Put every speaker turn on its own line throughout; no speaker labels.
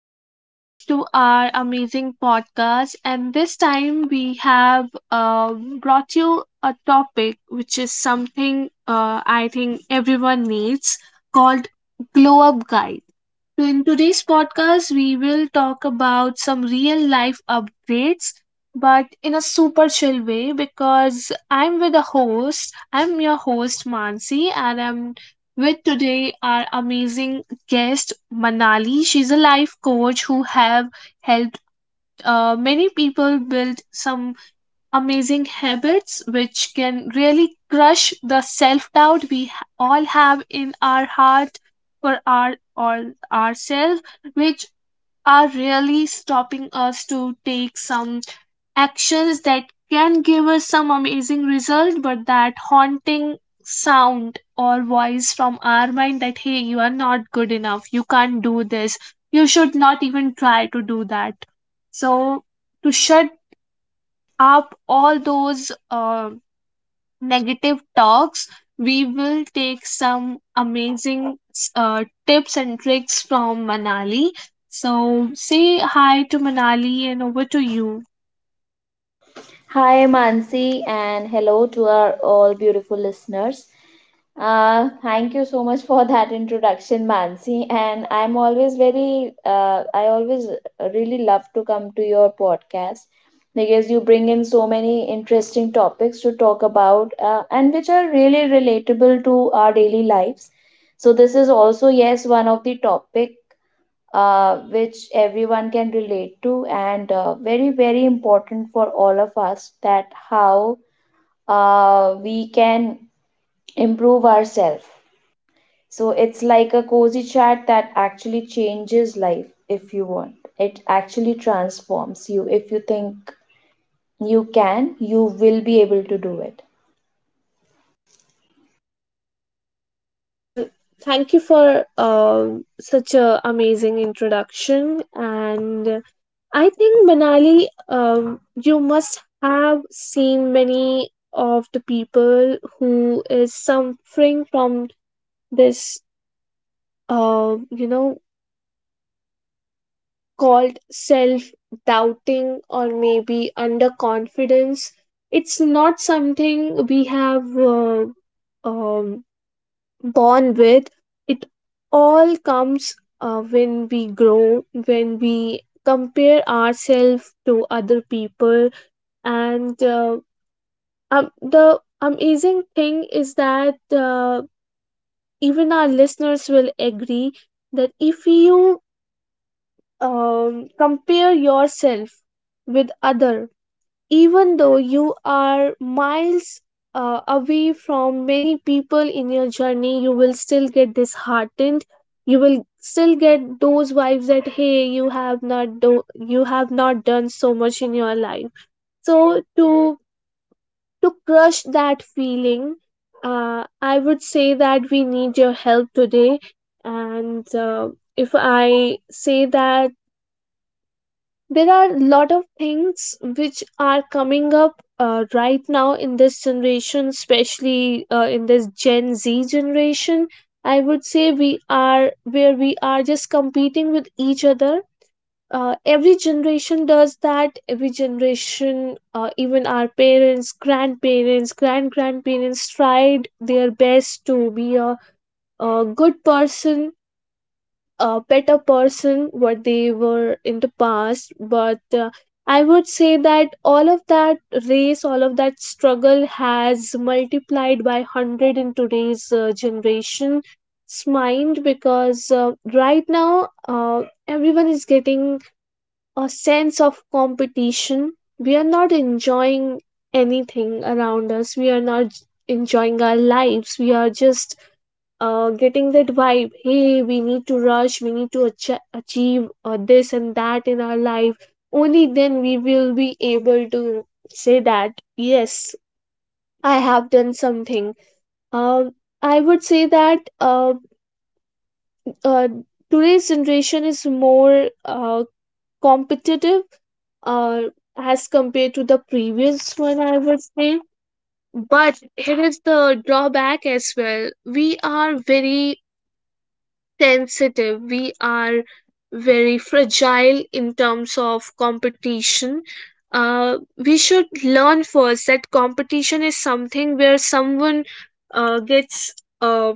Welcome back to our amazing podcast. And this time we have uh, brought you a topic which is something I think everyone needs called glow up guide. So, in today's podcast, we will talk about some real life updates, but in a super chill way because I'm with a host. I'm your host, Mansi, and I'm with today our amazing guest, Manali. She's a life coach who have helped many people build some amazing habits which can really crush the self doubt all have in our heart for ourselves which are really stopping us to take some actions that can give us some amazing result, but that haunting sound or voice from our mind that hey, you are not good enough, you can't do this, you should not even try to do that. So to shut up all those negative talks, we will take some amazing tips and tricks from Manali. So say hi to Manali and over to you.
Hi, Mansi, and hello to our all beautiful listeners. Thank you so much for that introduction, Mansi. And I'm always I always really love to come to your podcast because you bring in so many interesting topics to talk about, and which are really relatable to our daily lives. So this is also, yes, one of the topic which everyone can relate to and very very important for all of us that how we can improve ourselves. So it's like a cozy chat that actually changes life if you want. It actually transforms you if you think you can, you will be able to do it.
Well, thank you for such a amazing introduction, and I think Manali, you must have seen many of the people who is suffering from this, uh, you know, called self doubting or maybe underconfidence. It's not something we have um, born with. It all comes when we grow, when we compare ourselves to other people. And the amazing thing is that even our listeners will agree that if you compare yourself with other, even though you are miles away from many people in your journey, you will still get disheartened, you will still get those vibes that hey, you have not do- you have not done so much in your life. So to crush that feeling, I would say that we need your help today. And if I say that, there are a lot of things which are coming up right now in this generation, especially in this Gen Z generation. I would say we are just competing with each other. Uh, every generation does that, every generation, even our parents, grandparents, grandparents tried their best to be a good person, a better person, what they were in the past. But I would say that all of that race, all of that struggle has multiplied by 100 in today's generation's mind, because right now everyone is getting a sense of competition. We are not enjoying anything around us, we are not enjoying our lives, we are just getting that vibe, hey, we need to rush, we need to achieve this and that in our life. Only then we will be able to say that yes, I have done something. um I would say that uh, today's generation is more competitive uh, as compared to the previous one, I would say. But here is the drawback as well. We are very sensitive. We are very fragile in terms of competition. We should learn first that competition is something where someone gets uh,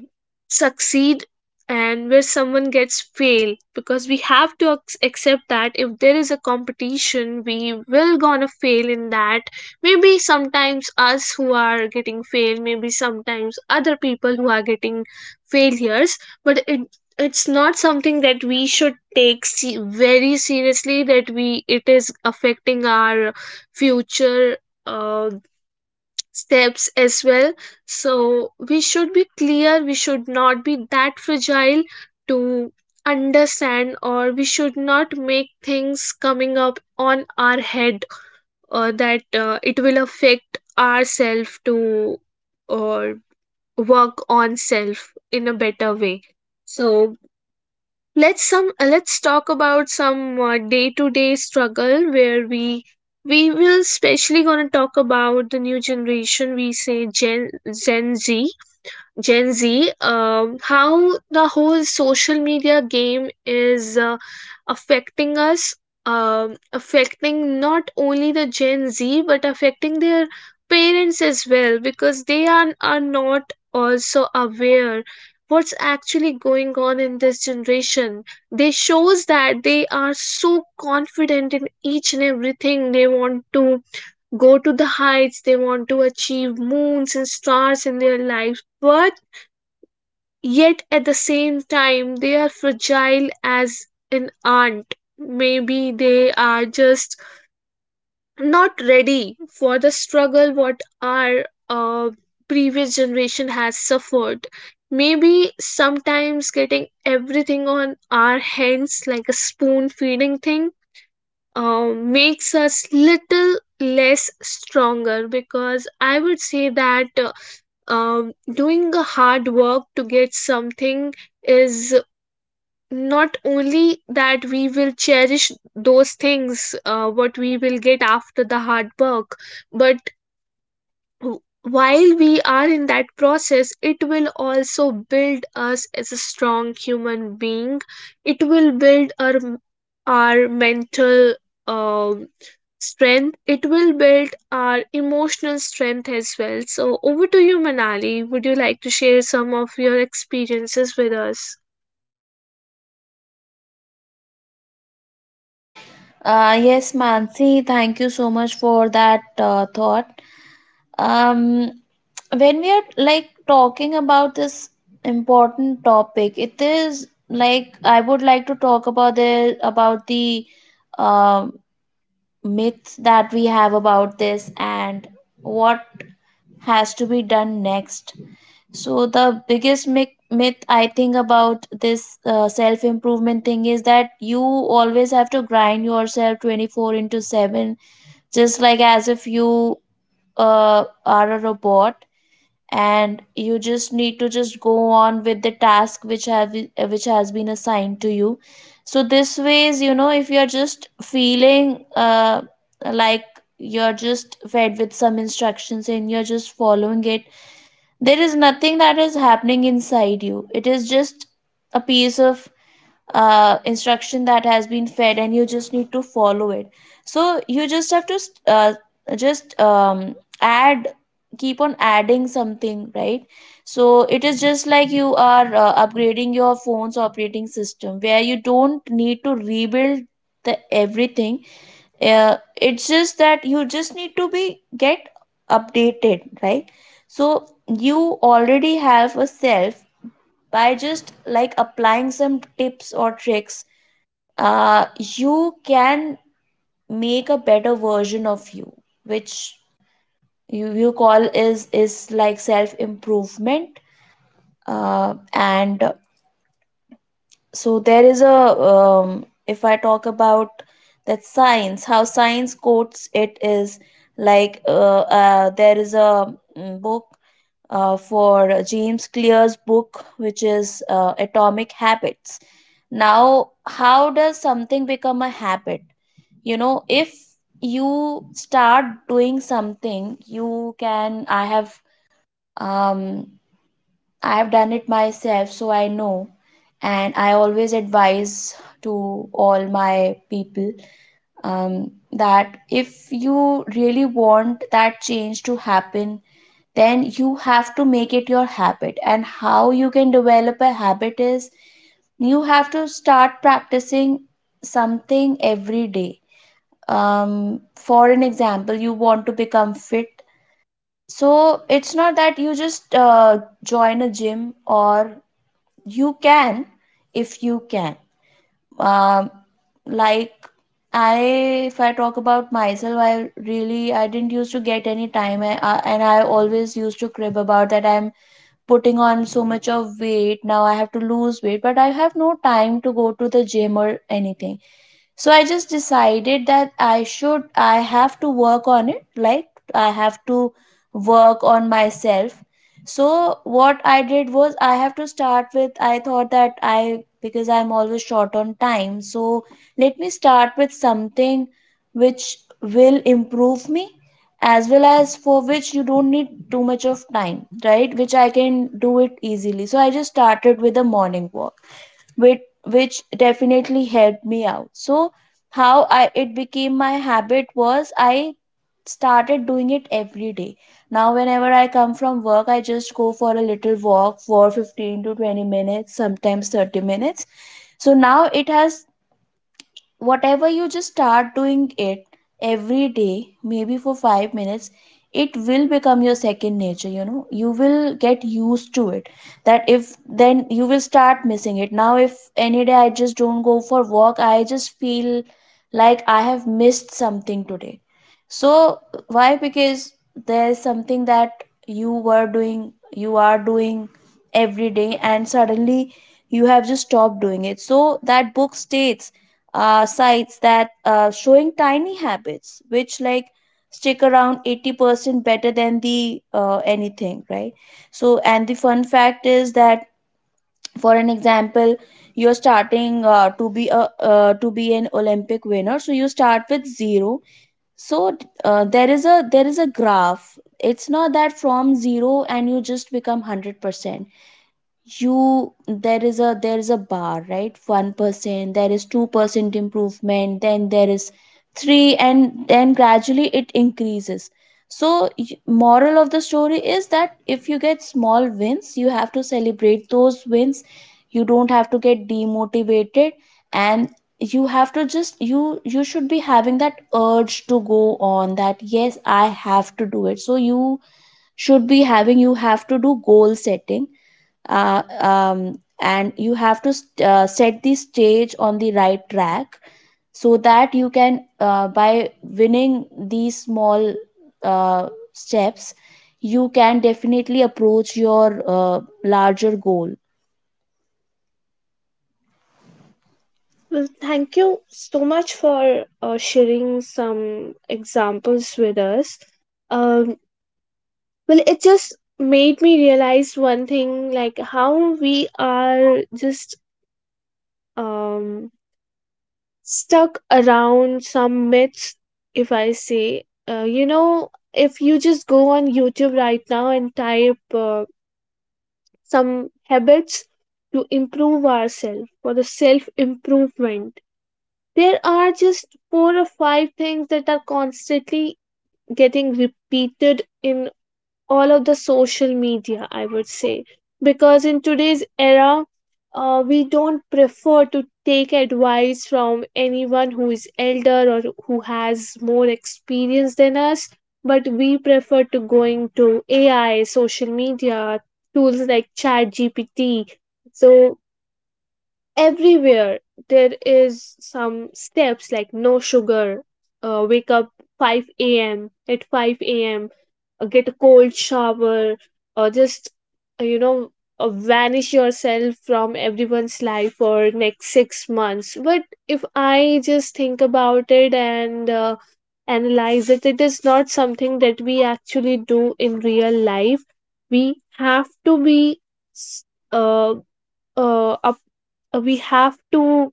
succeed and where someone gets fail, because we have to accept that if there is a competition, we will gonna fail in that. Maybe sometimes us who are getting failed, maybe sometimes other people who are getting failures. But it's not something that we should take very seriously that we, it is affecting our future uh, steps as well. So we should be clear, we should not be that fragile to understand, or we should not make things coming up on our head that it will affect ourself to or work on self in a better way. So let's talk about some day-to-day struggle where we will especially going to talk about the new generation. We say Gen Z. Gen Z, how the whole social media game is affecting us, affecting not only the Gen Z but affecting their parents as well, because are not also aware what's actually going on in this generation. They shows that they are so confident in each and everything, they want to go to the heights, they want to achieve moons and stars in their lives, but yet at the same time, they are fragile as an ant. Maybe they are just not ready for the struggle what our previous generation has suffered. Maybe sometimes getting everything on our hands like a spoon feeding thing makes us little less stronger, because I would say that doing a hard work to get something is not only that we will cherish those things what we will get after the hard work, but while we are in that process, it will also build us as a strong human being. It will build our mental um, strength, it will build our emotional strength as well. So over to you, Manali, would you like to share some of your experiences with us?
Yes, Mansi, thank you so much for that thought. um when we are like talking about this important topic, it is like I would like to talk about the uh, myths that we have about this, and what has to be done next. So the biggest myth I think about this self improvement thing is that you always have to grind yourself 24 into 7, just like as if you are a robot, and you just need to just go on with the task which has been assigned to you. So this ways, you know, if you're just feeling like you're just fed with some instructions and you're just following it, there is nothing that is happening inside you. It is just a piece of instruction that has been fed and you just need to follow it. So you just have to uh, just add, keep on adding something, right? So it is just like you are upgrading your phone's operating system, where you don't need to rebuild the everything. Uh, it's just that you just need to be get updated, right? So you already have a self. By just like applying some tips or tricks, you can make a better version of you, which you call is like self improvement. And so there is a, if I talk about that science, how science quotes it is like there is a book, for James Clear's book, which is Atomic Habits. Now how does something become a habit? You know, if you start doing something, you can, I have um I have done it myself, so I know. And I always advise to all my people, that if you really want that change to happen, then you have to make it your habit. And how you can develop a habit is you have to start practicing something every day. For an example, you want to become fit. So it's not that you just join a gym, or you can if you can um, like I if I talk about myself, I really, I didn't used to get any time, and I always used to crib about that I'm putting on so much of weight. Now I have to lose weight, but I have no time to go to the gym or anything. So I just decided that I have to work on it. Like I have to work on myself. So what I did was, I have to start with I thought that I because I'm always short on time, so let me start with something which will improve me, as well as for which you don't need too much of time, right? Which I can do it easily. So I just started with a morning walk, which definitely helped me out. So how I it became my habit was, I started doing it every day. Now, whenever I come from work, I just go for a little walk for 15 to 20 minutes, sometimes 30 minutes. So now it has, whatever, you just start doing it every day, maybe for 5 minutes, it will become your second nature, you know. You will get used to it, that if, then you will start missing it. Now if any day I just don't go for walk, I just feel like I have missed something today. So why? Because there's something that you are doing every day, and suddenly you have just stopped doing it. So that book states, sites that, showing tiny habits which like stick around 80% better than the anything, right? So, and the fun fact is that, for an example, you're starting to be an Olympic winner, so you start with zero. So there is a graph. It's not that from zero and you just become 100%. You there is a bar, right? 1%, there is 2% improvement, then there is 3, and then gradually it increases. So moral of the story is that if you get small wins, you have to celebrate those wins. You don't have to get demotivated. And you have to just, you should be having that urge to go on, that yes, I have to do it. So you should be having you have to do goal setting, and you have to set the stage on the right track, so that you can, by winning these small steps, you can definitely approach your larger goal.
Well, thank you so much for sharing some examples with us. Um, well, it just made me realize one thing, like how we are just um, stuck around some myths, if I say. You know, if you just go on YouTube right now and type some habits to improve ourselves for the self improvement, there are just four or five things that are constantly getting repeated in all of the social media, I would say. Because in today's era, we don't prefer to take advice from anyone who is elder or who has more experience than us, but we prefer to going to AI, social media, tools like ChatGPT. So everywhere there is some steps like no sugar, wake up 5 a.m at 5 a.m, get a cold shower, or just uh, you know vanish yourself from everyone's life for next 6 months. But if I just think about it and analyze it, it is not something that we actually do in real life. We have to be s- uh, uh, up, we have to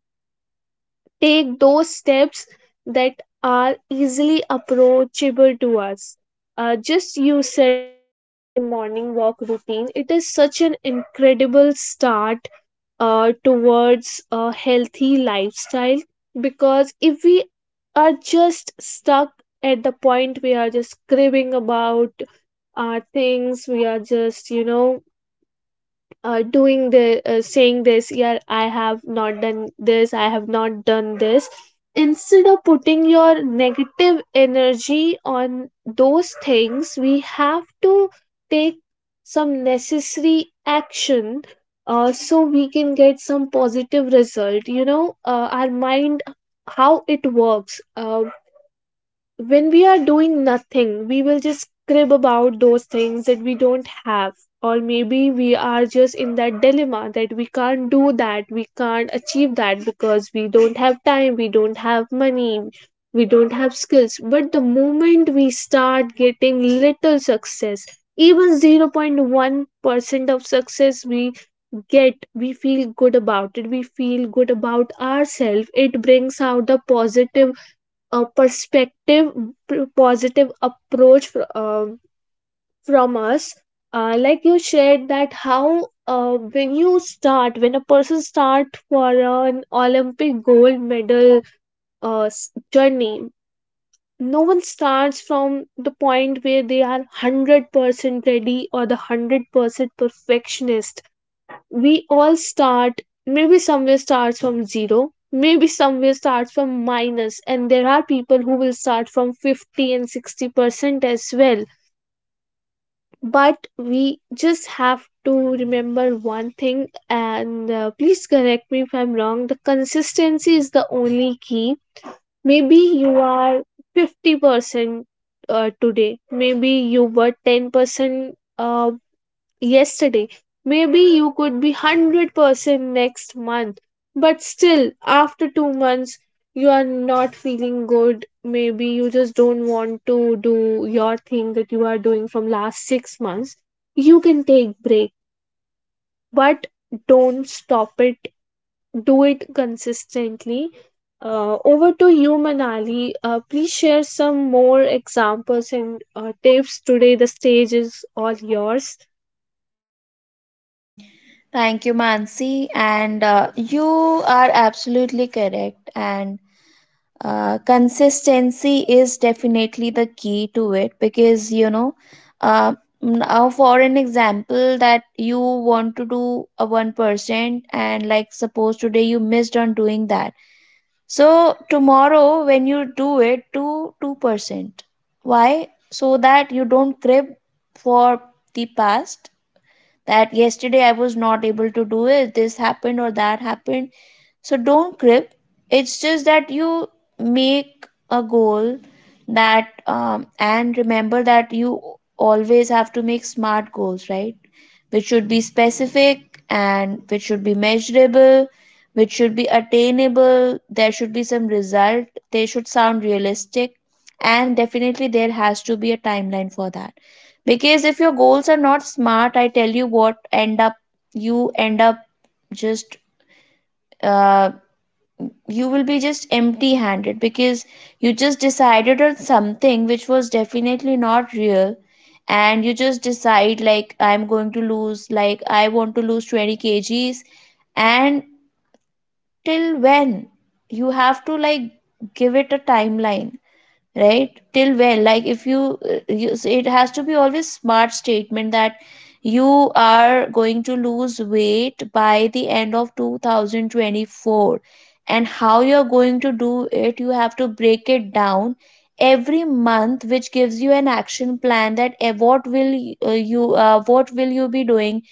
take those steps that are easily approachable to us. Just you said about your morning walk routine, it is such an incredible start towards a healthy lifestyle. Because if we are just stuck at the point, we are just cribbing about our things, we are just, you know, doing the saying this, yeah, I have not done this, I have not done this. Instead of putting your negative energy on those things, we have to take some necessary action so we can get some positive result. You know, our mind, how it works, when we are doing nothing, we will just crib about those things that we don't have. Or maybe we are just in that dilemma that we can't do that, we can't achieve that because we don't have time, we don't have money, we don't have skills. But the moment we start getting little success, even 0.1% of success we get, we feel good about it, we feel good about ourselves. It brings out the positive, a perspective, positive approach from us. Uh, like you shared that how when a person start for an olympic gold medal journey, no one starts from the point where they are 100% ready or the 100% perfectionist. We all start, maybe somewhere starts from zero, maybe somewhere starts from minus, and there are people who will start from 50 and 60% as well. But we just have to remember one thing, and please correct me if I'm wrong, the consistency is the only key. Maybe you are 50% today, maybe you were 10% yesterday. Maybe you could be 100% next month, but still, after 2 months, you are not feeling good. Maybe you just don't want to do your thing that you are doing from last 6 months. You can take break, but don't stop it. Do it consistently. Over to you, Manali. Please share some more examples and tips. Today, the stage is all yours.
Thank you, Mansi, and you are absolutely correct. And uh, consistency is definitely the key to it, because you know, uh, now for an example, that you want to do a 1%, and like suppose today you missed on doing that. So tomorrow when you do it, do 2%. Why? So that you don't crib for the past, that yesterday I was not able to do it, this happened or that happened. So don't crib. It's just that you make a goal that, and remember that you always have to make smart goals, right? Which should be specific, and which should be measurable, which should be attainable. There should be some result. They should sound realistic. And definitely, there has to be a timeline for that. Because if your goals are not smart, I tell you what, end up you end up just, uh, you will be just empty handed, because you just decided on something which was definitely not real. And you just decide like, I'm going to lose, like I want to lose 20 kgs, and till when? You have to like give it a timeline, right? Till when, like if you, so it has to be always smart statement that you are going to lose weight by the end of 2024. And how you're going to do it, you have to break it down every month, which gives you an action plan, that what will you be doing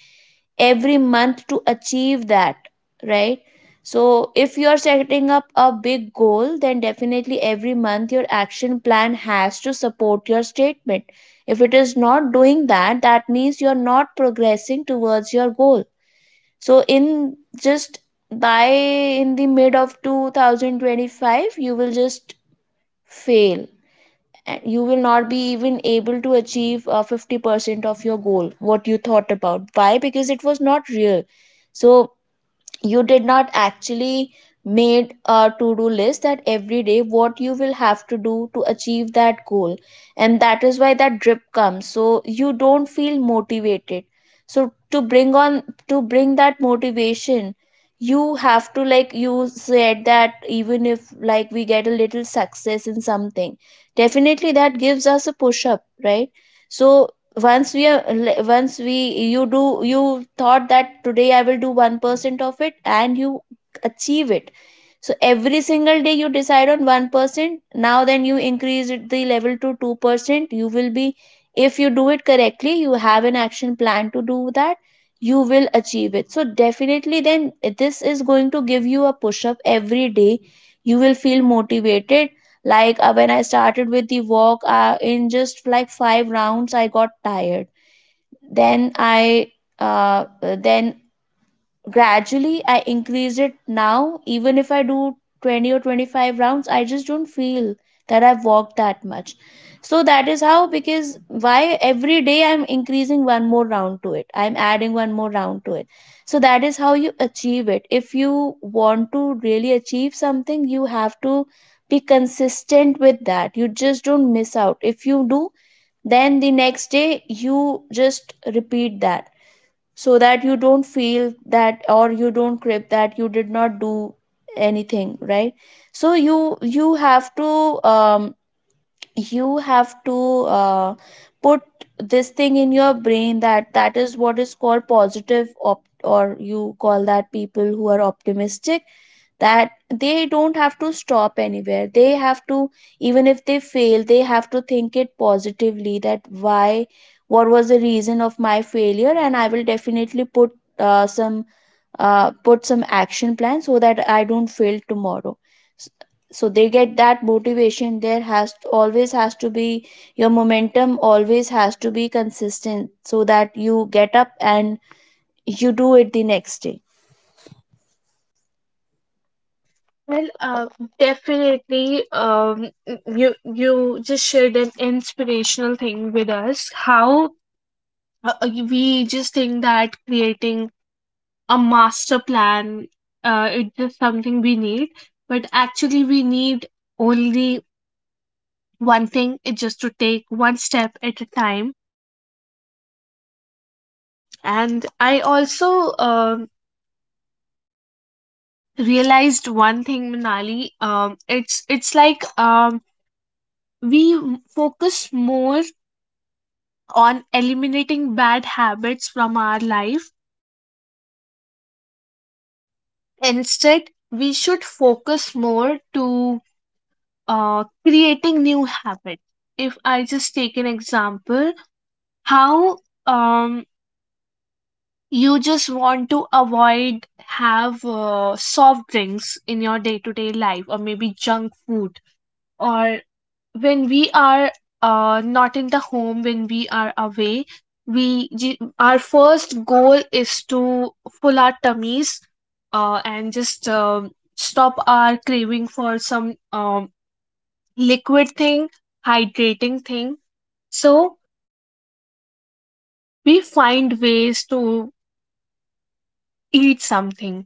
every month to achieve that, right? So if you're setting up a big goal, then definitely every month your action plan has to support your statement. If it is not doing that, that means you're not progressing towards your goal. So in just, by in the mid of 2025, you will just fail, and you will not be even able to achieve 50% of your goal what you thought about. Why? Because it was not real. So you did not actually made a to-do list, that every day what you will have to do to achieve that goal. And that is why that drip comes, so you don't feel motivated. So to bring that motivation, you have to, like you said, that even if like we get a little success in something, definitely that gives us a push up, right? So once we are le- once we you do, you thought that today I will do 1% of it, and you achieve it. So every single day you decide on 1%. Now then you increase it, the level to 2%, you will be, if you do it correctly, you have an action plan to do that, you will achieve it. So definitely then this is going to give you a push up every day, you will feel motivated. Like when I started with the walk, in just like 5 rounds, I got tired. Then I then gradually I increased it. Now even if I do 20 or 25 rounds, I just don't feel that I've walked that much. So that is how, because why, every day I'm increasing one more round to it, I'm adding one more round to it. So that is how you achieve it. If you want to really achieve something, you have to be consistent with that. You just don't miss out. If you do, then the next day you just repeat that, so that you don't feel that or you don't crib that you did not do anything, right? So you have to um you have to uh, put this thing in your brain, that that is what is called positive op- or you call that people who are optimistic, that they don't have to stop anywhere. They have to, even if they fail, they have to think it positively, that why, what was the reason of my failure, and I will definitely put some put some action plan so that I don't fail tomorrow. S- so they get that motivation. There has always has to be, your momentum always has to be consistent, so that you get up and you do it the next day.
Well, definitely. You you just shared an inspirational thing with us. How we just think that creating a master plan, it's just something we need, but actually we need only one thing. It's just to take one step at a time. And I also realized one thing, Manali. It's like we focus more on eliminating bad habits from our life. Instead, we should focus more to creating new habits. If I just take an example, how um, you just want to avoid have soft drinks in your day to day life, or maybe junk food, or when we are not in the home, when we are away, our first goal is to full our tummies and just stop our craving for some liquid thing, hydrating thing. So we find ways to eat something.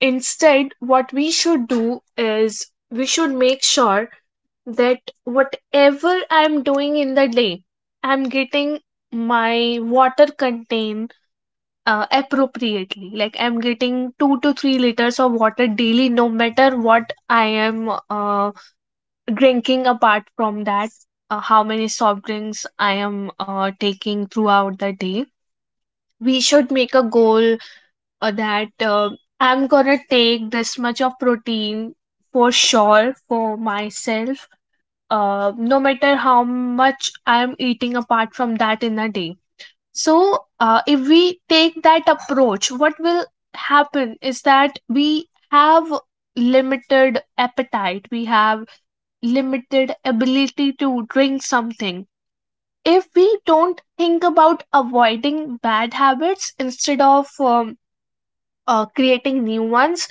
Instead, what we should do is we should make sure that whatever I'm doing in the day, I'm getting my water contained appropriately. Like, I'm getting 2 to 3 liters of water daily, no matter what I am drinking. Apart from that, how many soft drinks I am taking throughout the day. We should make a goal that I'm gonna take this much of protein for sure for myself, no matter how much I'm eating apart from that in a day. So, if we take that approach, what will happen is that we have limited appetite, we have limited ability to drink something. If we don't think about avoiding bad habits instead of creating new ones,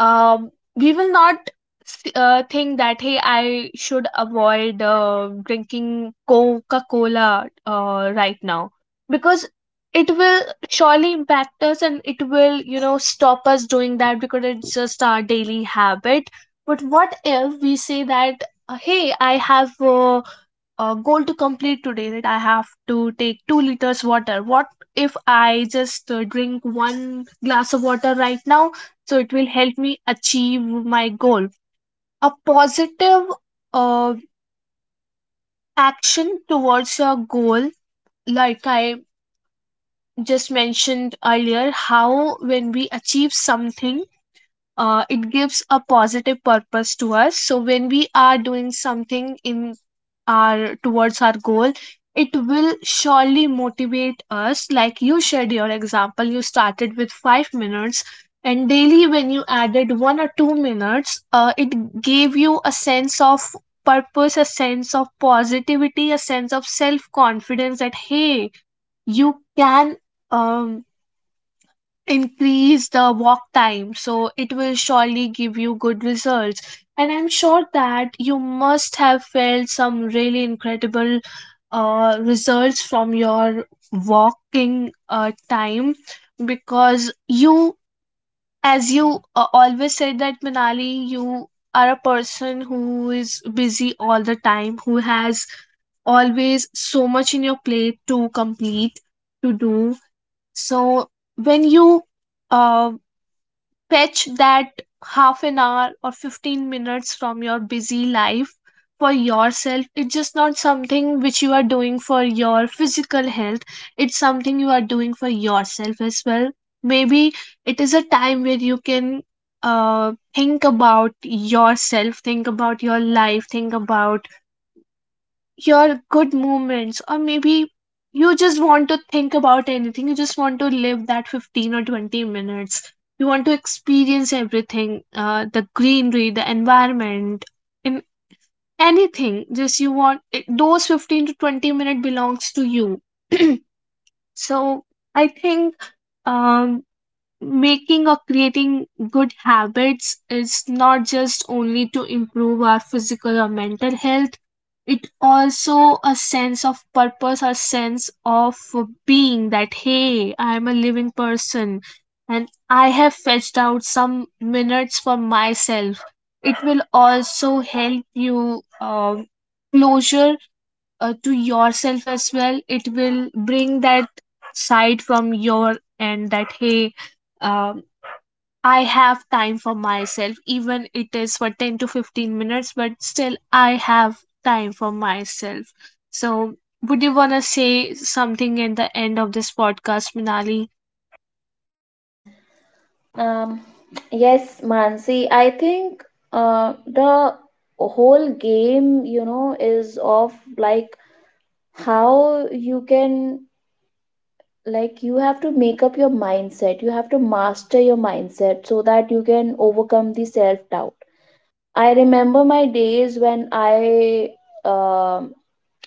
we will not think that, hey, I should avoid drinking coca cola right now, because it will surely impact us, and it will, you know, stop us doing that, because it's just our daily habit. But what if we say that, hey, I have goal to complete today, that I have to take 2 liters water. What if I just drink one glass of water right now? So it will help me achieve my goal. A positive uh, action towards your goal, like I just mentioned earlier, how when we achieve something, it gives a positive purpose to us. So when we are doing something in our towards our goal, it will surely motivate us. Like, you shared your example, you started with 5 minutes, and daily when you added 1 or 2 minutes, it gave you a sense of purpose, a sense of positivity, a sense of self confidence, that hey, you can um increase the walk time. So it will surely give you good results, and I'm sure that you must have felt some really incredible results from your walking time, because you, as you always said, that Manali, you are a person who is busy all the time, who has always so much in your plate to complete, to do. So when you uh, fetch that half an hour or 15 minutes from your busy life for yourself, it's just not something which you are doing for your physical health. It's something you are doing for yourself as well. Maybe it is a time where you can think about yourself, think about your life, think about your good moments, or maybe you just want to think about anything, you just want to live that 15 or 20 minutes, you want to experience everything, the greenery, the environment, in anything, just you want it. Those 15 to 20 minute belongs to you. So I think um, making or creating good habits is not just only to improve our physical or mental health, it also a sense of purpose, a sense of being, that hey, I am a living person and I have fetched out some minutes for myself. It will also help you closure to yourself as well. It will bring that side from your end, that hey, um I have time for myself. Even it is for 10 to 15 minutes, but still I have time for myself. So, would you want to say something at the end of this podcast, Minali?
Um, yes, Mansi, I think the whole game, you know, is of like how you can, like, you have to make up your mindset. You have to master your mindset so that you can overcome the self doubt. I remember my days when I um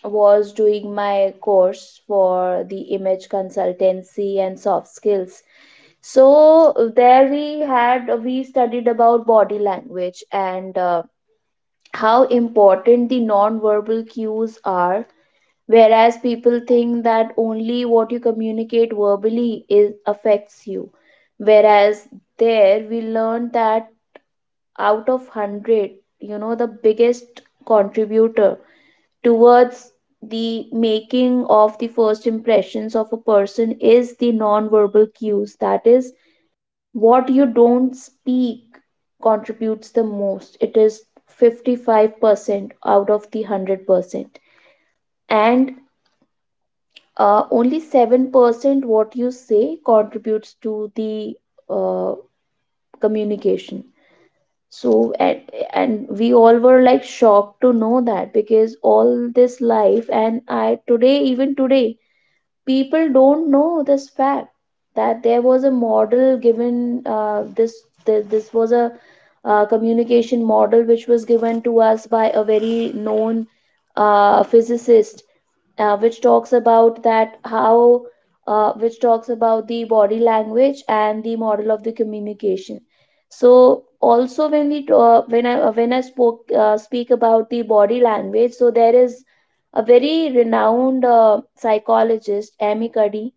was doing my course for the image consultancy and soft skills. So there we studied about body language and how important the non-verbal cues are, whereas people think that only what you communicate verbally is affects you. Whereas there we learned that out of 100, you know, the biggest contributor towards the making of the first impressions of a person is the non-verbal cues. That is, what you don't speak contributes the most. It is 55% out of the 100%, and only 7% what you say contributes to the uh, communication. So and we all were like shocked to know that, because all this life, and I today, even today, people don't know this fact, that there was a model given, this was a communication model which was given to us by a very known physicist, which talks about that how, which talks about the body language and the model of the communication. So also, when we when I spoke speak about the body language, so there is a very renowned psychologist, Amy Cuddy,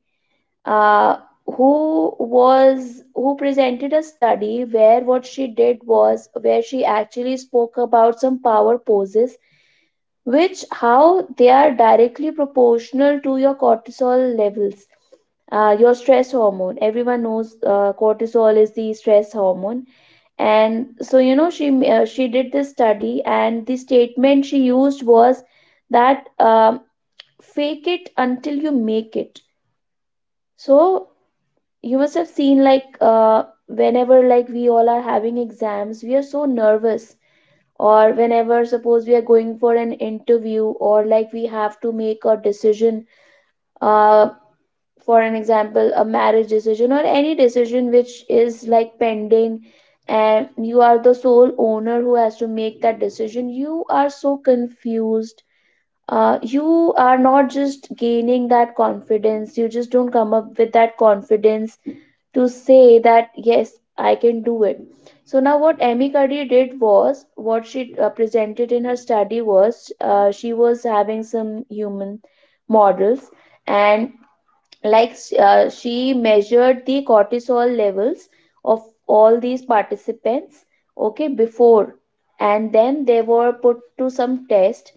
uh, who was who presented a study where what she did was, where she actually spoke about some power poses, which how they are directly proportional to your cortisol levels, your stress hormone. Everyone knows cortisol is the stress hormone. And so, you know, she did this study, and the statement she used was that, fake it until you make it. So you must have seen like, whenever, like, we all are having exams, we are so nervous, or whenever, suppose we are going for an interview, or like we have to make a decision, uh, for an example, a marriage decision, or any decision which is like pending, and you are the sole owner who has to make that decision. You are so confused, you are not just gaining that confidence. You just don't come up with that confidence to say that yes, I can do it. So now what Amy Cuddy did was, what she presented in her study was, she was having some human models, and like, she measured the cortisol levels of all these participants, okay, before. And then they were put to some test,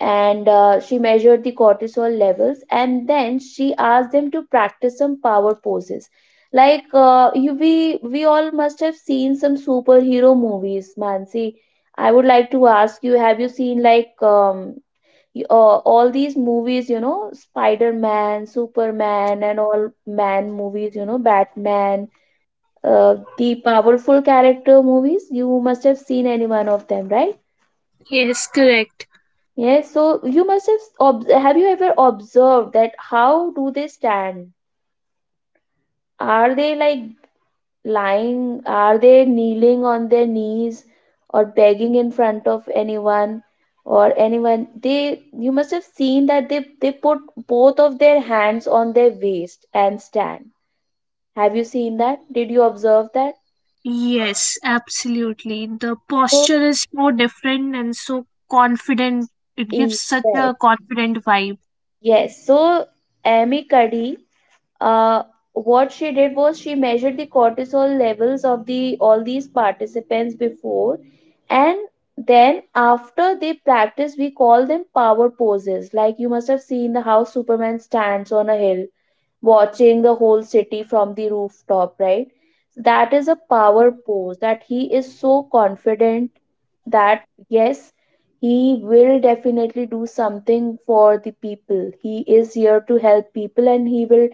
and she measured the cortisol levels, and then she asked them to practice some power poses. Like, we all must have seen some superhero movies, Mansi. I would like to ask you, have you seen like, all these movies, you know, Spider-Man, Superman, and all man movies, you know, Batman, the powerful character movies. You must have seen any one of them, right?
Yes, correct.
Yes, so you must have ob- have you ever observed that how do they stand? Are they like lying? Are they kneeling on their knees or begging in front of anyone or anyone? They, you must have seen that they put both of their hands on their waist and stand. Have you seen that? Did you observe that?
Yes, absolutely. The
Oh,
posture is so different and so confident. It gives
yes.
such a confident vibe.
Yes, so Amy Cuddy, uh, what she did was, she measured the cortisol levels of the all these participants before, and then after they practice, we call them power poses. Like you must have seen the how Superman stands on a hill watching the whole city from the rooftop, right? That is a power
Mhm.
pose, that he is so confident, that yes, he will definitely do something for the people. He is here to help people, and he will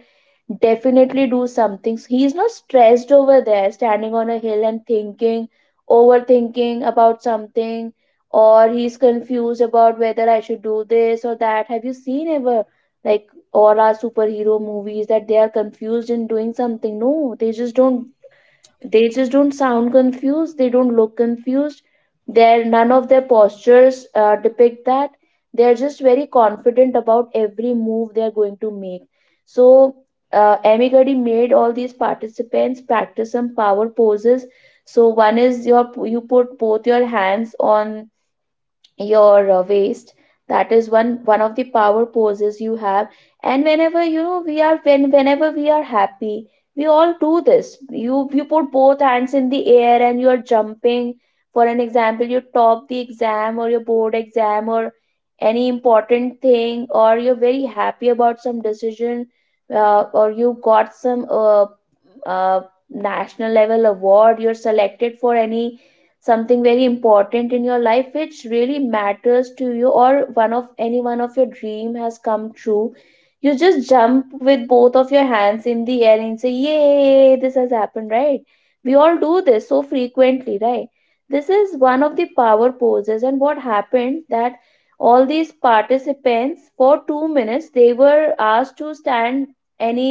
definitely do something. He's not stressed over there standing on a hill and thinking, overthinking about something, or he's confused about whether I should do this or that. Have you seen ever, like all our superhero movies, that they are confused in doing something? No, they just don't, they just don't sound confused, they don't look confused. Their none of their postures depict that. They are just very confident about every move they are going to make. So Amy Gadi made all these participants practice some power poses. So one is, your, you put both your hands on your waist. That is one of the power poses you have. And whenever, you know, we are, when whenever we are happy, we all do this. You put both hands in the air and you are jumping. For an example, you top the exam, or your board exam, or any important thing, or you're very happy about some decision, or you got some uh, national level award, you're selected for any something very important in your life which really matters to you, or one of, any one of your dream has come true. You just jump with both of your hands in the air and say yay, this has happened, right? We all do this so frequently, right? This is one of the power poses. And what happened, that all these participants for 2 minutes they were asked to stand, any,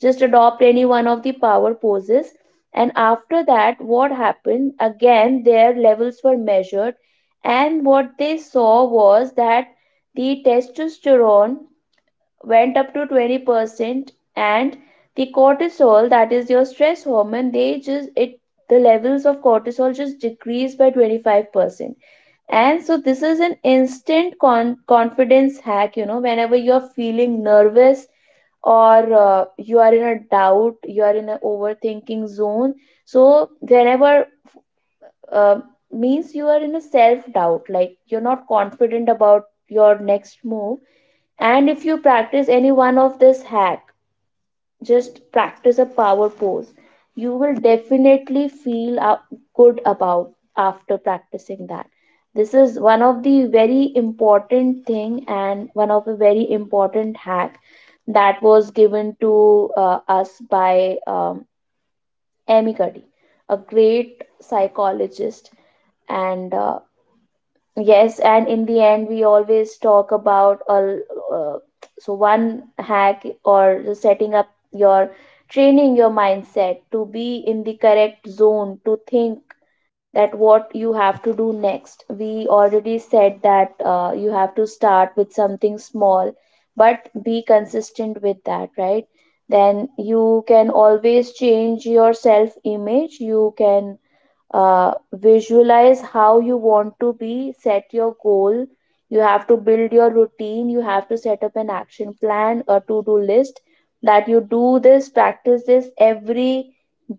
just adopt any one of the power poses. And after that, what happened? Again, their levels were measured, and what they saw was that the testosterone went up to 20%, and the cortisol, that is your stress hormone, they just, it, the levels of cortisol just decreased by 25%. And so this is an instant con- confidence hack, you know, whenever you're feeling nervous or you are in a doubt, you are in an overthinking zone. So whenever uh, means you are in a self doubt, like you're not confident about your next move. And if you practice any one of this hack, just practice a power pose, you will definitely feel a- good about after practicing that. This is one of the very important thing, and one of a very important hack, that was given to us by Amy Cuddy, a great psychologist. And yes, and in the end, we always talk about uh, so one hack, or the setting up your, training your mindset to be in the correct zone to think that what you have to do next. We already said that you have to start with something small, but be consistent with that, right? Then you can always change your self image. You can visualize how you want to be, set your goal, you have to build your routine, you have to set up an action plan, a to-do list, that you do this, practice this every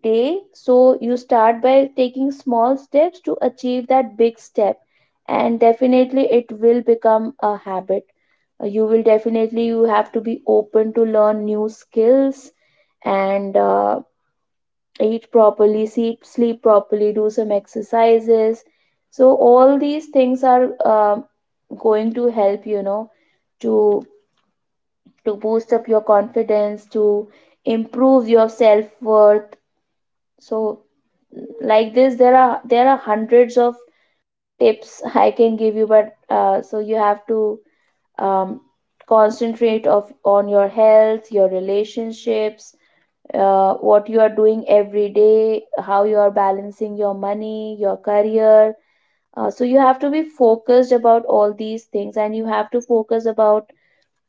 day. So you start by taking small steps to achieve that big step, and definitely it will become a habit. You will definitely, you have to be open to learn new skills, and eat properly, sleep, sleep properly, do some exercises. So all these things are going to help, you know, to to boost up your confidence, to improve your self-worth. So like this, there are hundreds of tips I can give you, but so you have to um, concentrate of on your health, your relationships, what you are doing every day, how you are balancing your money, your career. So you have to be focused about all these things, and you have to focus about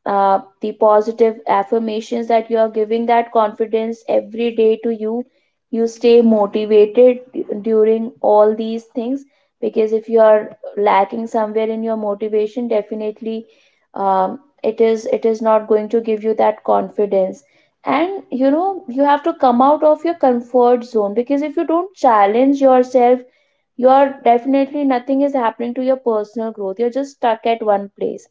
the positive affirmations, that you are giving that confidence every day to you. You stay motivated during all these things, because if you are lacking somewhere in your motivation, definitely it is, it is not going to give you that confidence. And you know, you have to come out of your comfort zone, because if you don't challenge yourself, you're definitely, nothing is happening to your personal growth, you're just stuck at one place.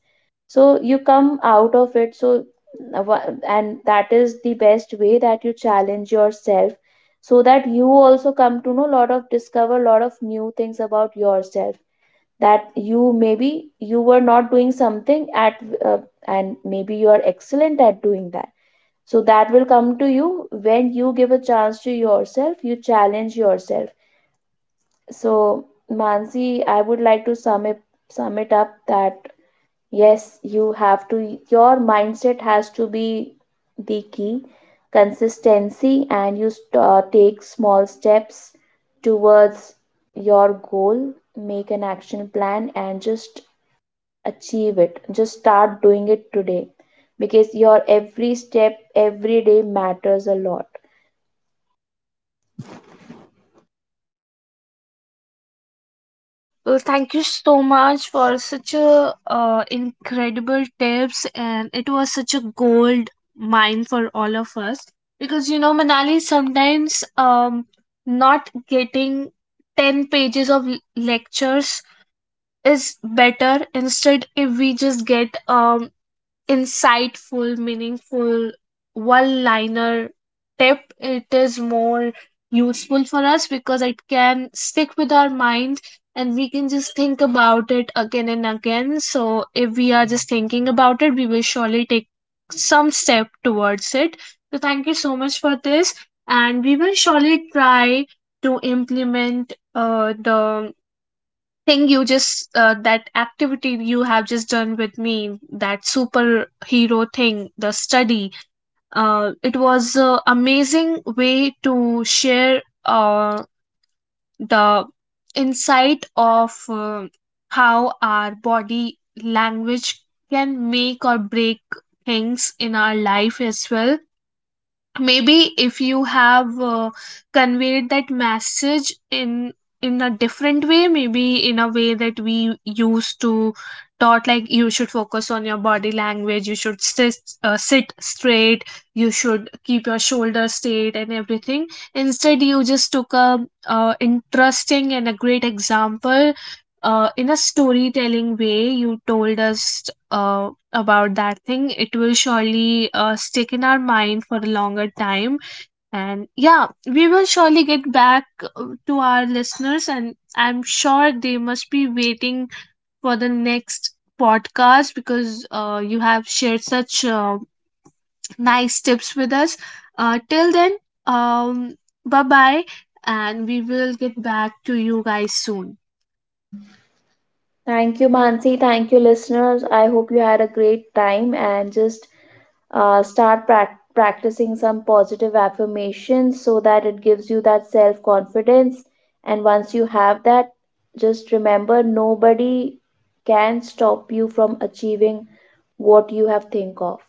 So you come out of it. So, and that is the best way, that you challenge yourself, so that you also come to know a lot of, discover a lot of new things about yourself, that you maybe, you were not doing something at uh, and maybe you are excellent at doing that. So that will come to you when you give a chance to yourself, you challenge yourself. So, Mansi, I would like to sum it up, that yes, you have to, your mindset has to be the key, consistency, and you take small steps towards your goal, make an action plan, and just achieve it. Just start doing it today, because your every step, every day matters a lot.
Well, thank you so much for such a incredible tips, and it was such a gold mine for all of us, because you know, Manali, sometimes not getting 10 pages of lectures is better. Instead, if we just get insightful, meaningful one liner tip, it is more useful for us because it can stick with our mind and we can just think about it again and again. So, if we are just thinking about it, we will surely take some step towards it. So, thank you so much for this, and we will surely try to implement the thing you just that activity you have just done with me, that superhero thing, the study. It was a amazing way to share the insight of how our body language can make or break things in our life as well. Maybe if you have conveyed that message in a different way, maybe in a way that we used to taught, like you should focus on your body language, you should sit, sit straight, you should keep your shoulders straight and everything. Instead, you just took a interesting and a great example, in a storytelling way you told us uh, about that thing. It will surely stick in our mind for a longer time. And yeah, we will surely get back to our listeners, and I'm sure they must be waiting for the next podcast, because you have shared such nice tips with us. Till then, um bye bye, and we will get back to you guys soon.
Thank you, Mansi. Thank you, listeners. I hope you had a great time, and just practicing some positive affirmations so that it gives you that self confidence. And once you have that, just remember, nobody can stop you from achieving what you have think of.